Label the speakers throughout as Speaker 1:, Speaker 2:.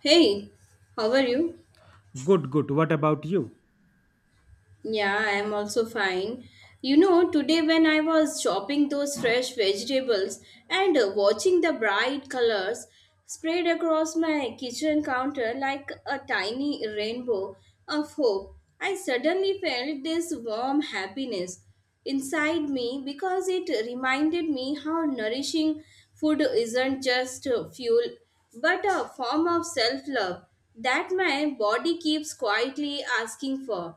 Speaker 1: Hey, how are you?
Speaker 2: Good, good. What about you?
Speaker 1: Yeah, I am also fine. You know, today when I was chopping those fresh vegetables and watching the bright colors spread across my kitchen counter like a tiny rainbow of hope, I suddenly felt this warm happiness inside me because it reminded me how nourishing food isn't just fuel but a form of self love that my body keeps quietly asking for.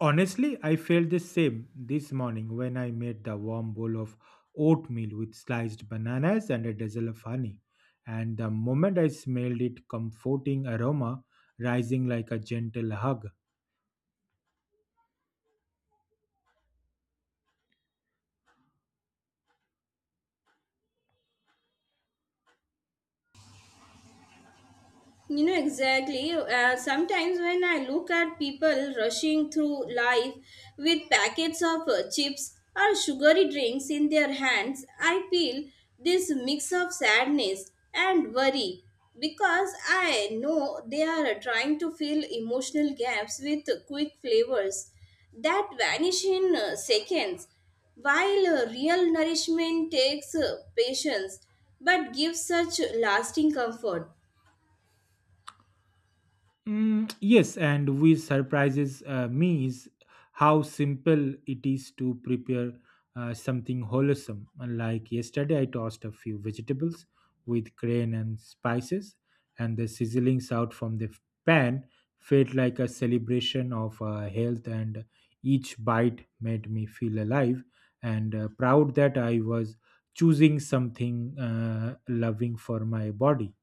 Speaker 2: Honestly, I felt the same this morning when I made the warm bowl of oatmeal with sliced bananas and a drizzle of honey. And the moment I smelled it, comforting aroma rising like a gentle hug.
Speaker 1: You know, exactly. Sometimes when I look at people rushing through life with packets of chips or sugary drinks in their hands, I feel this mix of sadness and worry because I know they are trying to fill emotional gaps with quick flavors that vanish in seconds, while real nourishment takes patience but gives such lasting comfort.
Speaker 2: Mm, yes, and which surprises me is how simple it is to prepare something wholesome. Like yesterday, I tossed a few vegetables with grain and spices, and the sizzling sound from the pan felt like a celebration of health, and each bite made me feel alive and proud that I was choosing something loving for my body.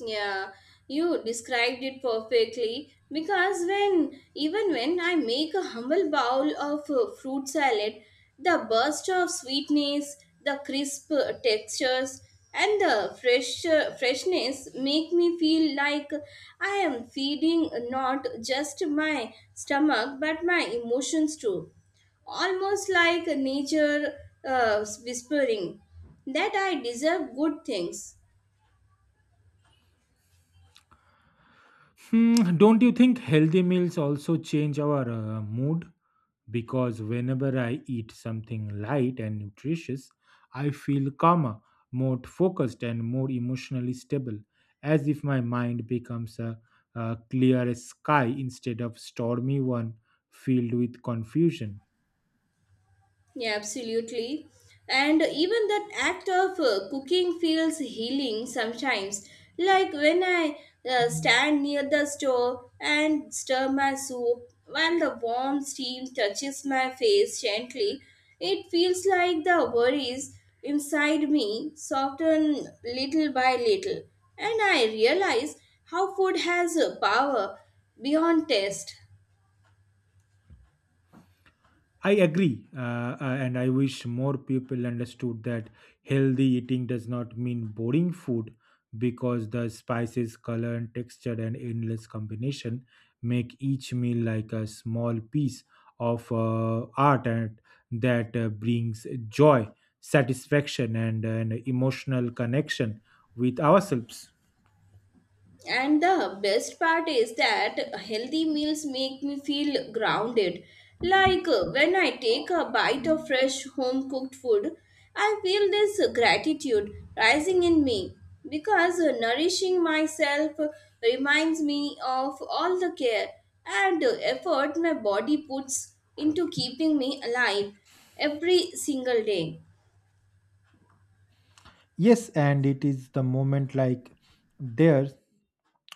Speaker 1: Yeah, you described it perfectly because when even when I make a humble bowl of fruit salad, the burst of sweetness, the crisp textures, and the freshness make me feel like I am feeding not just my stomach but my emotions too, almost like nature whispering that I deserve good things.
Speaker 2: Hmm, don't you think healthy meals also change our mood? Because whenever I eat something light and nutritious, I feel calmer, more focused, and more emotionally stable, as if my mind becomes a clear sky instead of stormy one filled with confusion.
Speaker 1: Yeah, absolutely. And even that act of cooking feels healing sometimes. Like when I stand near the stove and stir my soup while the warm steam touches my face gently, it feels like the worries inside me soften little by little. And I realize how food has a power beyond taste.
Speaker 2: I agree, and I wish more people understood that healthy eating does not mean boring food because the spices, color, and texture and endless combination make each meal like a small piece of art, and that brings joy, satisfaction, and an emotional connection with ourselves.
Speaker 1: And the best part is that healthy meals make me feel grounded. Like when I take a bite of fresh home cooked food, I feel this gratitude rising in me because nourishing myself reminds me of all the care and effort my body puts into keeping me alive every single day.
Speaker 2: Yes, and it is the moment like theirs.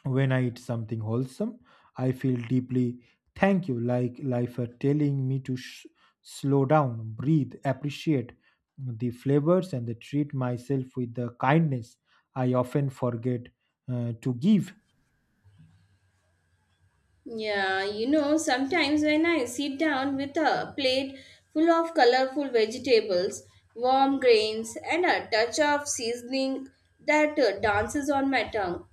Speaker 2: When I eat something wholesome, I feel deeply thank you, like life are telling me to slow down, breathe, appreciate the flavors, and the treat myself with the kindness I often forget to give.
Speaker 1: Yeah, you know, sometimes when I sit down with a plate full of colorful vegetables, warm grains, and a touch of seasoning that dances on my tongue,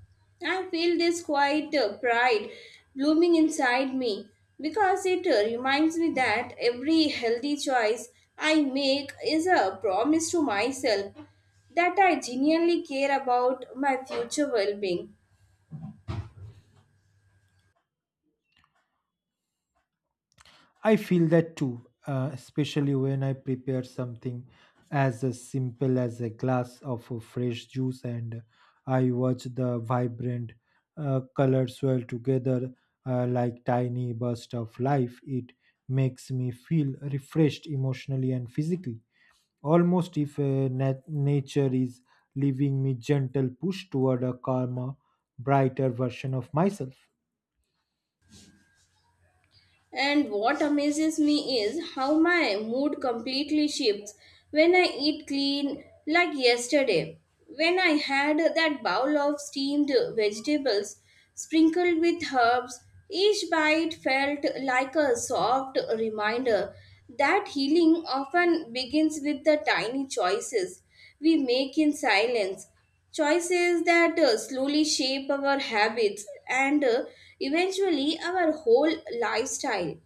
Speaker 1: I feel this quiet pride blooming inside me because it reminds me that every healthy choice I make is a promise to myself that I genuinely care about my future well being.
Speaker 2: I feel that too, especially when I prepare something as simple as a glass of fresh juice, and I watch the vibrant colors swirl together like tiny bursts of life. It makes me feel refreshed emotionally and physically, almost if nature is leaving me gentle push toward a calmer, brighter version of myself.
Speaker 1: And what amazes me is how my mood completely shifts when I eat clean, like yesterday, when I had that bowl of steamed vegetables sprinkled with herbs. Each bite felt like a soft reminder that healing often begins with the tiny choices we make in silence. Choices that slowly shape our habits and eventually our whole lifestyle.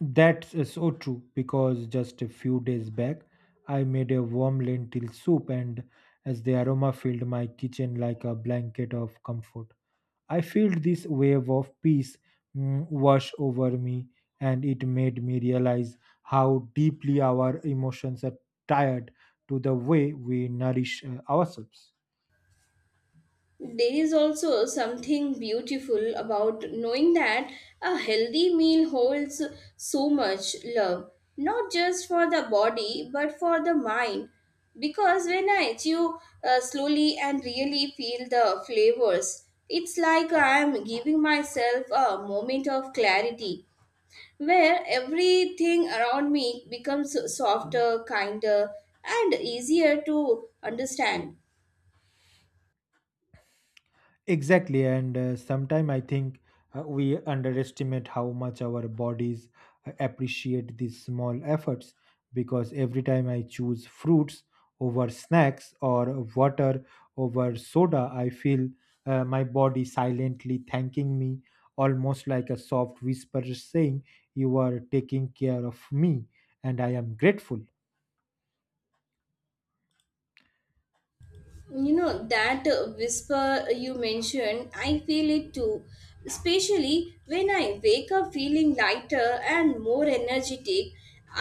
Speaker 2: That's so true, because just a few days back I made a warm lentil soup, and as the aroma filled my kitchen like a blanket of comfort, I felt this wave of peace, wash over me, and it made me realize how deeply our emotions are tied to the way we nourish ourselves.
Speaker 1: There is also something beautiful about knowing that a healthy meal holds so much love, not just for the body but for the mind. Because when I chew slowly and really feel the flavors, it's like I am giving myself a moment of clarity where everything around me becomes softer, kinder, and easier to understand.
Speaker 2: Exactly, and sometimes I think we underestimate how much our bodies appreciate these small efforts, because every time I choose fruits over snacks or water over soda, I feel my body silently thanking me, almost like a soft whisper saying, "You are taking care of me, and I am grateful."
Speaker 1: You know, that whisper you mentioned, I feel it too. Especially when I wake up feeling lighter and more energetic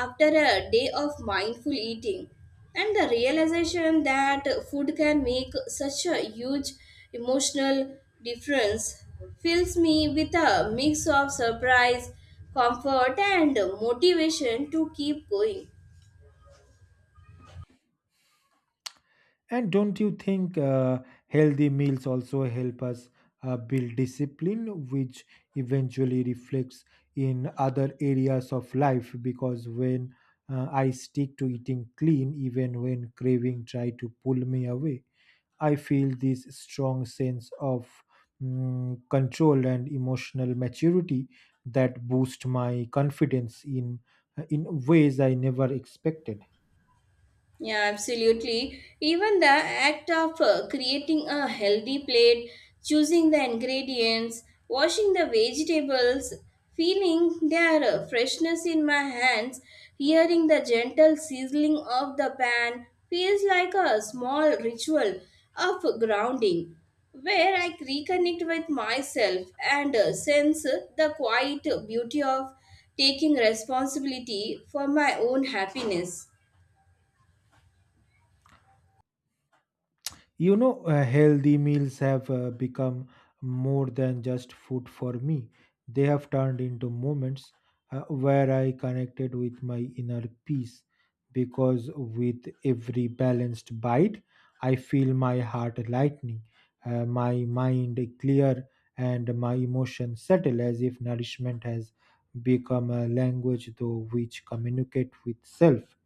Speaker 1: after a day of mindful eating. And the realization that food can make such a huge emotional difference fills me with a mix of surprise, comfort, and motivation to keep going.
Speaker 2: And don't you think healthy meals also help us build discipline, which eventually reflects in other areas of life? Because when I stick to eating clean, even when craving try to pull me away, I feel this strong sense of control and emotional maturity that boost my confidence in ways I never expected.
Speaker 1: Yeah, absolutely. Even the act of creating a healthy plate, choosing the ingredients, washing the vegetables, feeling their freshness in my hands, hearing the gentle sizzling of the pan feels like a small ritual of grounding where I reconnect with myself and sense the quiet beauty of taking responsibility for my own happiness.
Speaker 2: You know, healthy meals have become more than just food for me. They have turned into moments where I connected with my inner peace, because with every balanced bite, I feel my heart lightening, my mind clear, and my emotions settle, as if nourishment has become a language through which communicate with self.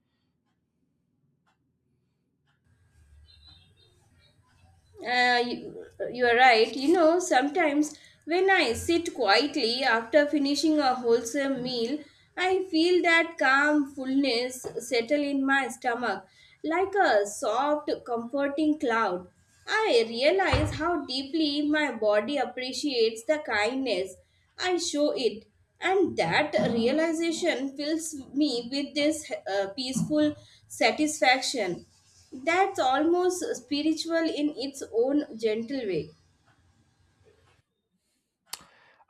Speaker 1: Uh, you, you are right. You know, sometimes when I sit quietly after finishing a wholesome meal, I feel that calm fullness settle in my stomach like a soft, comforting cloud. I realize how deeply my body appreciates the kindness I show it, and that realization fills me with this peaceful satisfaction. That's almost spiritual in its own gentle way.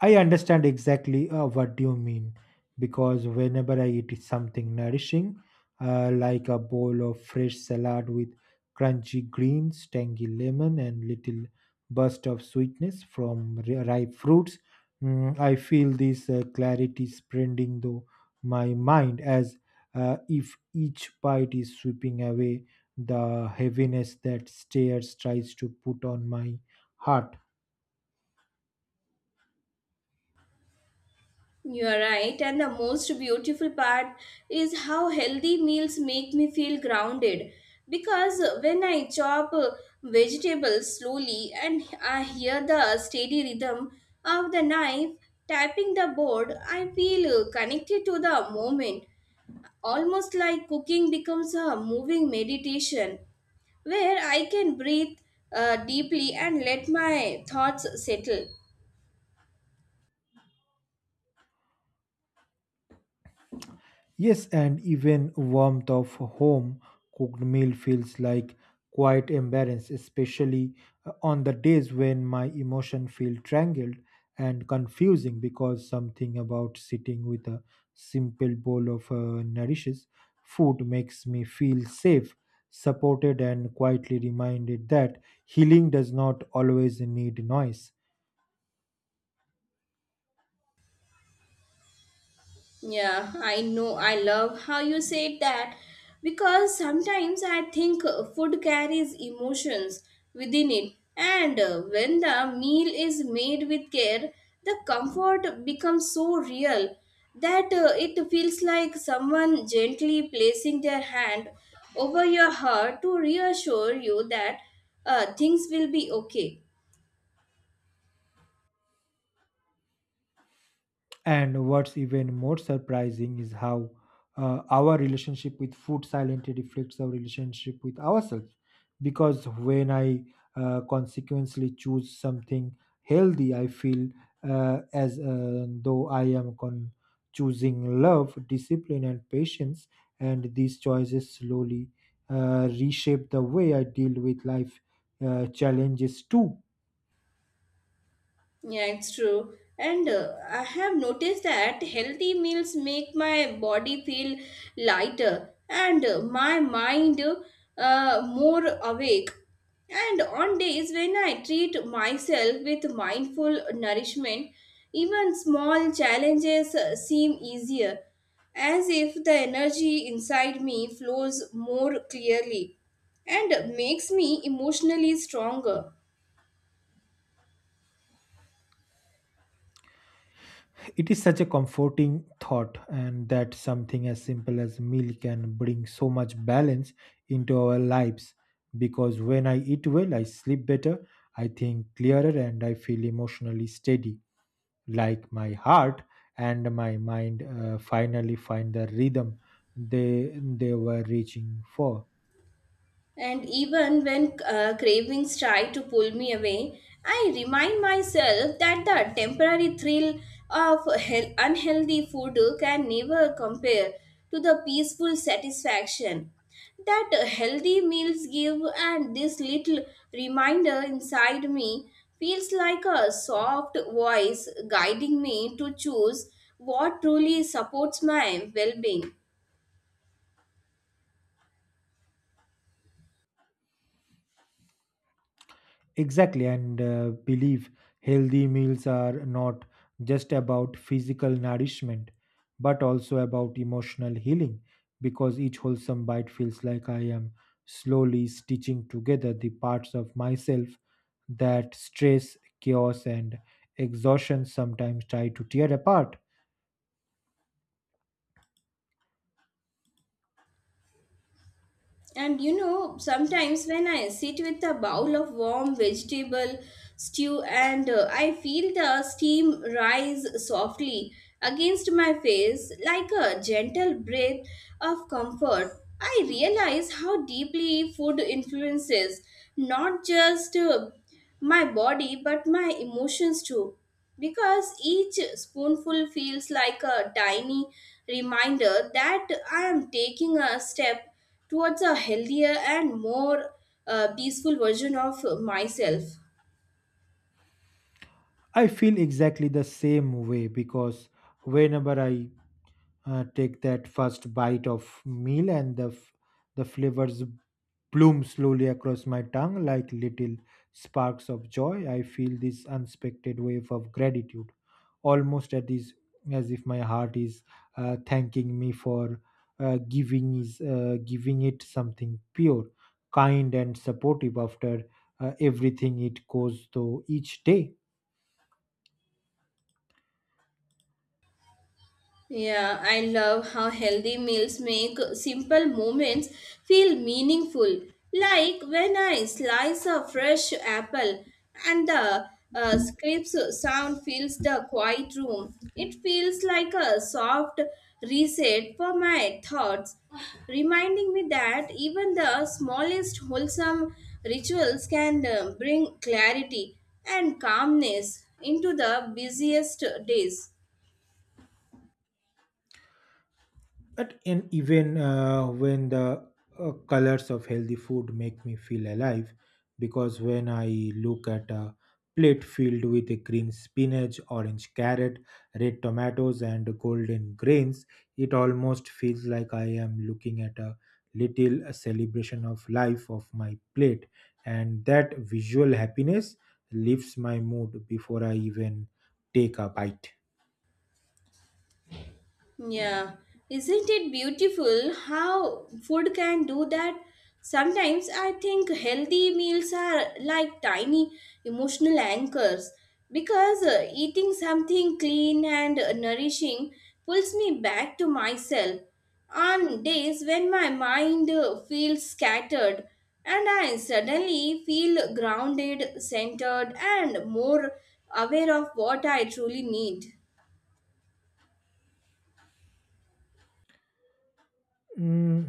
Speaker 2: I understand exactly what you mean, because whenever I eat something nourishing, like a bowl of fresh salad with crunchy greens, tangy lemon, and little burst of sweetness from ripe fruits, I feel this clarity spreading through my mind, as if each bite is sweeping away the heaviness that stares tries to put on my heart.
Speaker 1: You are right, and the most beautiful part is how healthy meals make me feel grounded. Because when I chop vegetables slowly and I hear the steady rhythm of the knife tapping the board, I feel connected to the moment. Almost like cooking becomes a moving meditation where I can breathe deeply and let my thoughts settle.
Speaker 2: Yes, and even warmth of home cooked meal feels like quite embarrassed, especially on the days when my emotion feel tangled and confusing, because something about sitting with a simple bowl of nourishes food makes me feel safe, supported, and quietly reminded that healing does not always need noise.
Speaker 1: Yeah, I know. I love how you said that because sometimes I think food carries emotions within it, and when the meal is made with care, the comfort becomes so real that it feels like someone gently placing their hand over your heart to reassure you that things will be okay.
Speaker 2: And what's even more surprising is how our relationship with food silently reflects our relationship with ourselves. Because when I consequently choose something healthy, I feel as though I am choosing love, discipline, and patience. And these choices slowly reshape the way I deal with life challenges too.
Speaker 1: Yeah, it's true. And I have noticed that healthy meals make my body feel lighter and my mind more awake. And on days when I treat myself with mindful nourishment, even small challenges seem easier, as if the energy inside me flows more clearly and makes me emotionally stronger.
Speaker 2: It is such a comforting thought, and that something as simple as meal can bring so much balance into our lives. Because when I eat well, I sleep better, I think clearer, and I feel emotionally steady. Like my heart and my mind finally find the rhythm they were reaching for.
Speaker 1: And even when cravings try to pull me away, I remind myself that the temporary thrill of unhealthy food can never compare to the peaceful satisfaction that healthy meals give, and this little reminder inside me feels like a soft voice guiding me to choose what truly supports my well being.
Speaker 2: Exactly, and believe healthy meals are not just about physical nourishment, but also about emotional healing, because each wholesome bite feels like I am slowly stitching together the parts of myself that stress, chaos, and exhaustion sometimes try to tear apart.
Speaker 1: And you know, sometimes when I sit with a bowl of warm vegetable stew and I feel the steam rise softly against my face like a gentle breath of comfort, I realize how deeply food influences not just my body but my emotions too because each spoonful feels like a tiny reminder that I am taking a step towards a healthier and more peaceful version of myself.
Speaker 2: I feel exactly the same way, because whenever I take that first bite of meal, and the flavors bloom slowly across my tongue like little sparks of joy, I feel this unexpected wave of gratitude, almost at is as if my heart is thanking me for giving is giving it something pure, kind, and supportive after everything it goes through each day.
Speaker 1: Yeah, I love how healthy meals make simple moments feel meaningful. Like when I slice a fresh apple and the scrap's sound fills the quiet room. It feels like a soft reset for my thoughts, reminding me that even the smallest wholesome rituals can bring clarity and calmness into the busiest days.
Speaker 2: At and even when the colors of healthy food make me feel alive, because when I look at a plate filled with a green spinach, orange carrot, red tomatoes, and golden grains, it almost feels like I am looking at a little celebration of life of my plate, and that visual happiness lifts my mood before I even take a bite.
Speaker 1: Yeah, isn't it beautiful how food can do that? Sometimes I think healthy meals are like tiny emotional anchors because eating something clean and nourishing pulls me back to myself. On days when my mind feels scattered and I suddenly feel grounded, centered, and more aware of what I truly need.
Speaker 2: Mm,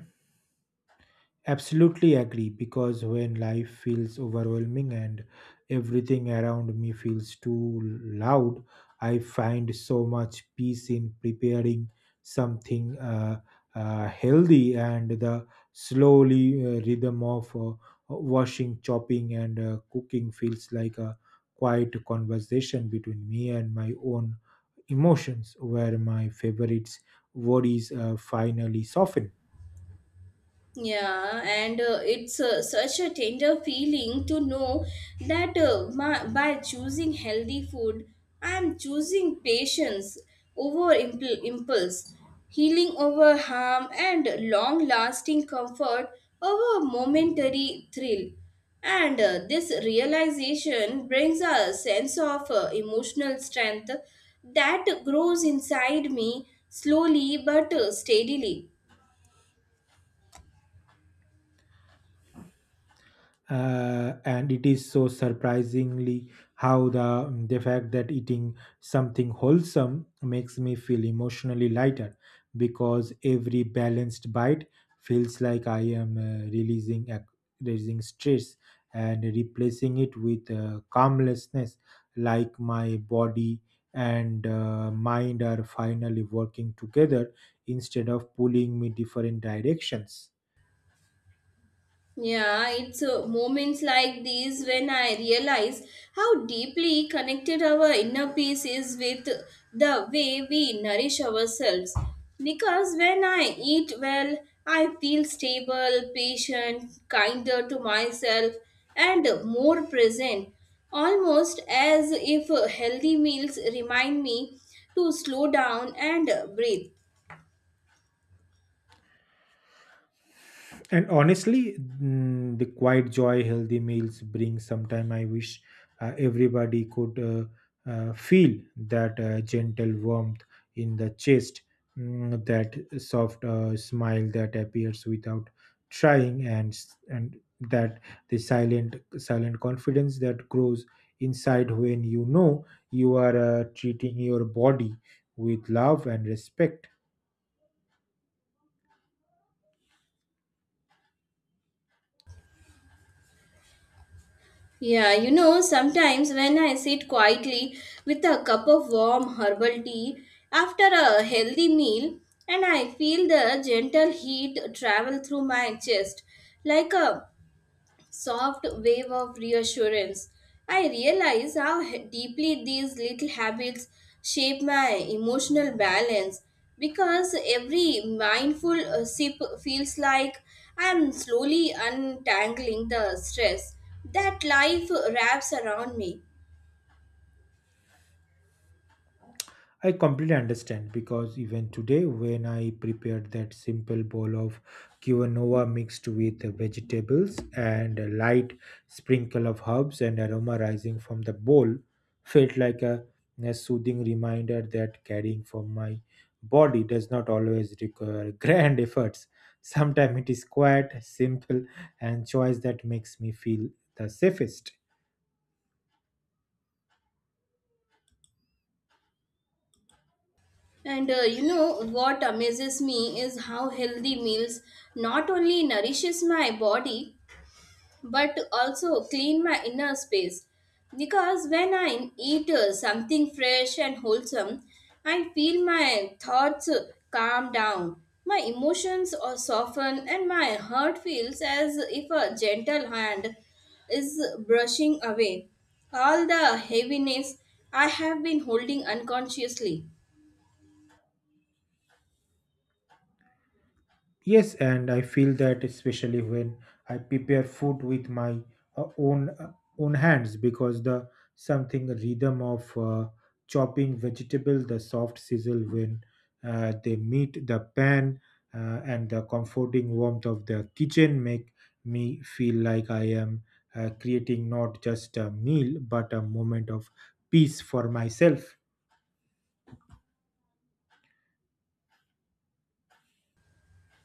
Speaker 2: absolutely agree, because when life feels overwhelming and everything around me feels too loud, I find so much peace in preparing something healthy, and the slowly rhythm of washing, chopping, and cooking feels like a quiet conversation between me and my own emotions, where my favorites worries finally soften.
Speaker 1: Yeah, and it's such a tender feeling to know that by choosing healthy food, I'm choosing patience over impulse, healing over harm, and long lasting comfort over momentary thrill. And this realization brings a sense of emotional strength that grows inside me slowly but steadily.
Speaker 2: And it is so surprisingly how the fact that eating something wholesome makes me feel emotionally lighter, because every balanced bite feels like I am releasing stress and replacing it with calmlessness, like my body and mind are finally working together instead of pulling me different directions.
Speaker 1: Yeah, it's moments like these when I realize how deeply connected our inner peace is with the way we nourish ourselves. Because when I eat well, I feel stable, patient, kinder to myself, and more present, almost as if healthy meals remind me to slow down and breathe.
Speaker 2: And honestly, the quiet joy healthy meals bring sometime, I wish everybody could feel that gentle warmth in the chest, that soft smile that appears without trying, and that the silent confidence that grows inside when you know you are treating your body with love and respect.
Speaker 1: Yeah, you know, sometimes when I sit quietly with a cup of warm herbal tea after a healthy meal, and I feel the gentle heat travel through my chest like a soft wave of reassurance. I realize how deeply these little habits shape my emotional balance because every mindful sip feels like I am slowly untangling the stress that life wraps around me.
Speaker 2: I completely understand, because even today, when I prepared that simple bowl of quinoa mixed with vegetables and a light sprinkle of herbs and aroma rising from the bowl, felt like a soothing reminder that caring for my body does not always require grand efforts. Sometimes it is quiet, simple, and choice that makes me feel the safest.
Speaker 1: And you know what amazes me is how healthy meals not only nourishes my body but to also clean my inner space. Because when I eat something fresh and wholesome, I feel my thoughts calm down. My emotions are softened, and my heart feels as if a gentle hand is brushing away all the heaviness I have been holding unconsciously.
Speaker 2: Yes, and I feel that especially when I prepare food with my uh, own uh, own hands, because the something rhythm of chopping vegetable, the soft sizzle when they meet the pan, and the comforting warmth of the kitchen make me feel like I am creating not just a meal but a moment of peace for myself.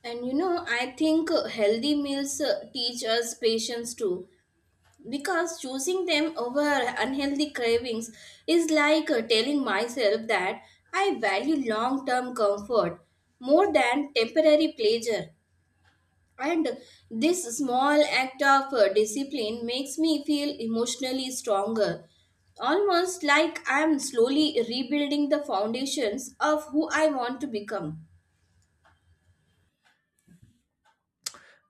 Speaker 1: And you know, I think healthy meals teach us patience too because choosing them over unhealthy cravings is like telling myself that I value long term comfort more than temporary pleasure. And this small act of discipline makes me feel emotionally stronger, almost like I am slowly rebuilding the foundations of who I want to become.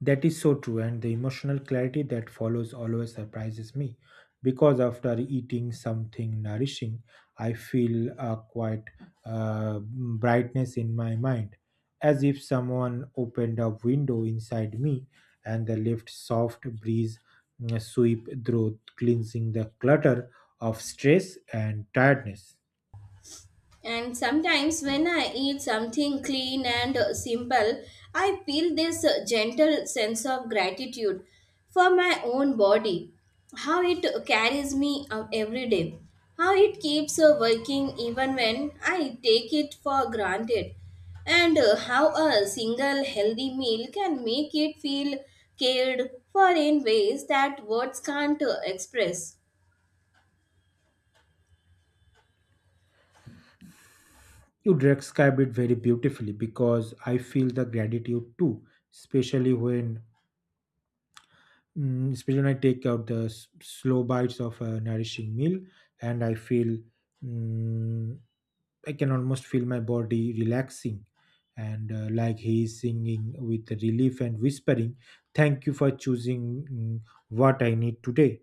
Speaker 2: That is so true, and the emotional clarity that follows always surprises me, because after eating something nourishing, I feel a quite brightness in my mind, as if someone opened a window inside me, and the left soft breeze, sweep through, cleansing the clutter of stress and tiredness.
Speaker 1: And sometimes when I eat something clean and simple, I feel this gentle sense of gratitude for my own body, how it carries me out every day, how it keeps working even when I take it for granted, and how a single healthy meal can make it feel cared for in ways that words can't express.
Speaker 2: You describe it very beautifully, because I feel the gratitude too, especially especially when I take out the slow bites of a nourishing meal, and I feel, mm, I can almost feel my body relaxing, and like he is singing with relief and whispering, "Thank you for choosing, mm, what I need today."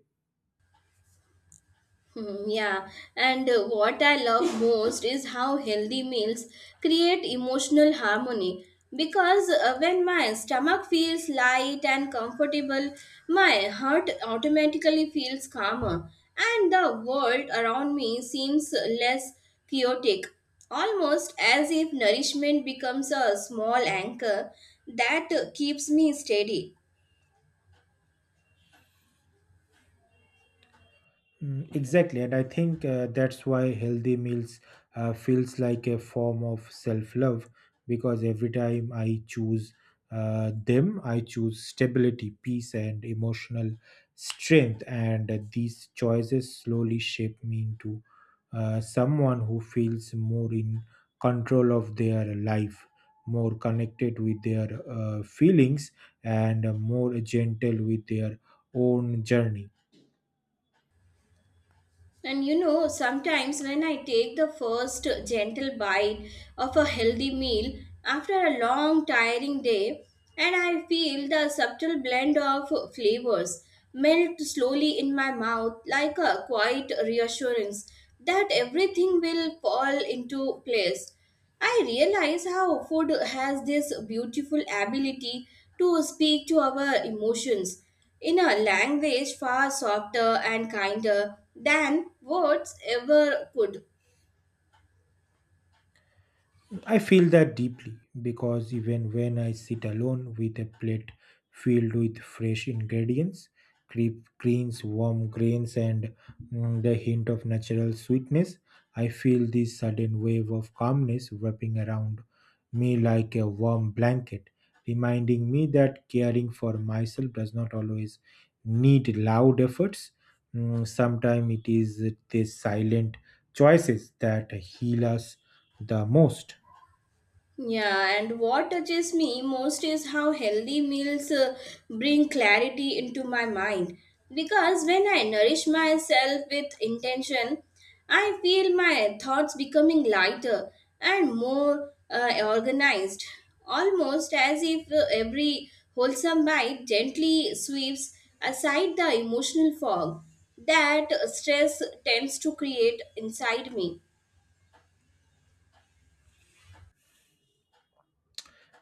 Speaker 1: Hmm. Yeah, and what I love most is how healthy meals create emotional harmony. Because when my stomach feels light and comfortable, my heart automatically feels calmer, and the world around me seems less chaotic. Almost as if nourishment becomes a small anchor that keeps me steady.
Speaker 2: Mm, exactly, and I think that's why healthy meals feels like a form of self-love, because every time I choose them, I choose stability, peace, and emotional strength, and these choices slowly shape me into someone who feels more in control of their life, more connected with their feelings, and more gentle with their own journey.
Speaker 1: And you know, sometimes when I take the first gentle bite of a healthy meal after a long, tiring day, and I feel the subtle blend of flavors melt slowly in my mouth like a quiet reassurance that everything will fall into place. I realize how food has this beautiful ability to speak to our emotions in a language far softer and kinder than words ever could.
Speaker 2: I feel that deeply, because even when I sit alone with a plate filled with fresh ingredients, creep greens, warm grains, and, the hint of natural sweetness, I feel this sudden wave of calmness wrapping around me like a warm blanket, reminding me that caring for myself does not always need loud efforts. Sometimes it is these silent choices that heal us the most.
Speaker 1: Yeah, and what touches me most is how healthy meals bring clarity into my mind. Because when I nourish myself with intention, I feel my thoughts becoming lighter and more organized, almost as if every wholesome bite gently sweeps aside the emotional fog that stress tends to create inside me.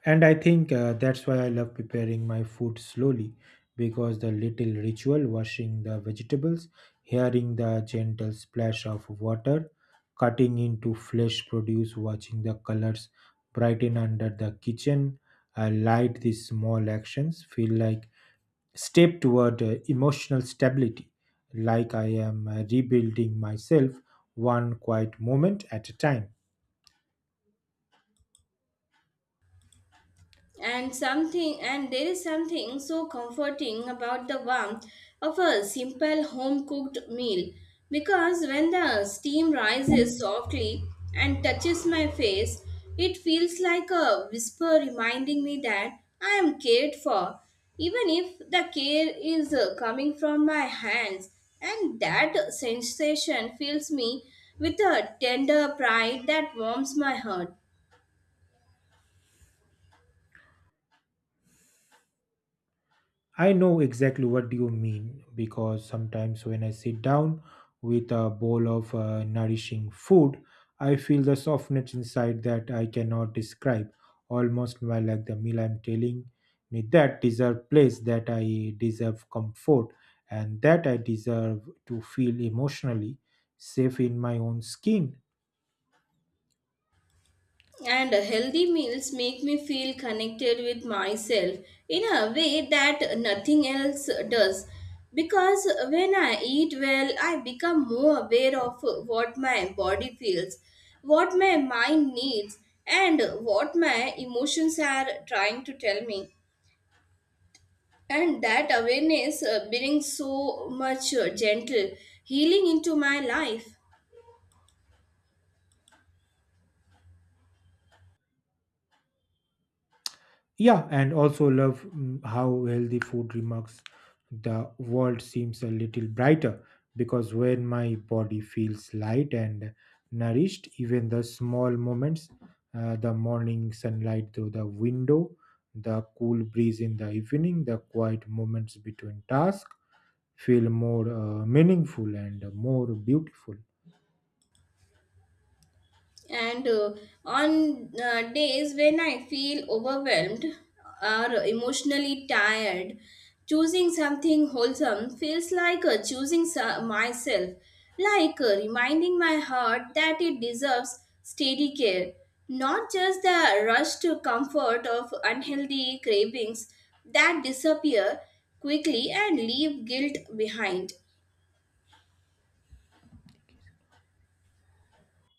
Speaker 2: And I think that's why I love preparing my food slowly, because the little ritual washing the vegetables, hearing the gentle splash of water, cutting into fresh produce, watching the colors brighten under the kitchen light, these small actions feel like step toward emotional stability, like I am rebuilding myself one quiet moment at a time.
Speaker 1: And there is something so comforting about the warmth of a simple home cooked meal, because when the steam rises softly and touches my face, it feels like a whisper reminding me that I am cared for, even if the care is coming from my hands, and that sensation fills me with a tender pride that warms my heart.
Speaker 2: I know exactly what you mean, because sometimes when I sit down with a bowl of nourishing food, I feel the softness inside that I cannot describe, almost well like the meal I'm telling me that deserve place, that I deserve comfort, and that I deserve to feel emotionally safe in my own skin.
Speaker 1: And healthy meals make me feel connected with myself in a way that nothing else does. Because when I eat well, I become more aware of what my body feels, what my mind needs, and what my emotions are trying to tell me. And that awareness brings so much gentle healing into my life.
Speaker 2: Yeah, and also love, how healthy food remarks the world seems a little brighter, because when my body feels light and nourished, even the small moments, the morning sunlight through the window, the cool breeze in the evening, the quiet moments between tasks feel more meaningful and more beautiful.
Speaker 1: And on days when I feel overwhelmed or emotionally tired, choosing something wholesome feels like choosing myself, like reminding my heart that it deserves steady care, not just the rush to comfort of unhealthy cravings that disappear quickly and leave guilt behind.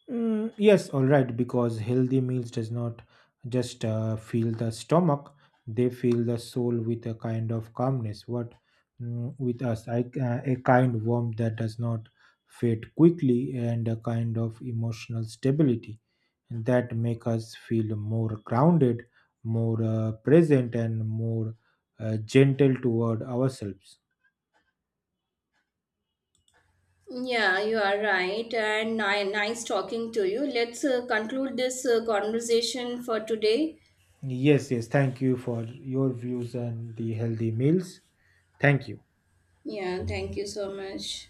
Speaker 2: Mm, yes, all right, because healthy meals does not just fill the stomach, they fill the soul with a kind of calmness. What, with us, a kind warmth that does not fade quickly, and a kind of emotional stability that make us feel more grounded, more present, and more gentle toward ourselves.
Speaker 1: Yeah, you are right. And nice talking to you. Let's conclude this conversation for today.
Speaker 2: Yes, yes, thank you for your views on the healthy meals. Thank you.
Speaker 1: Yeah, thank you so much.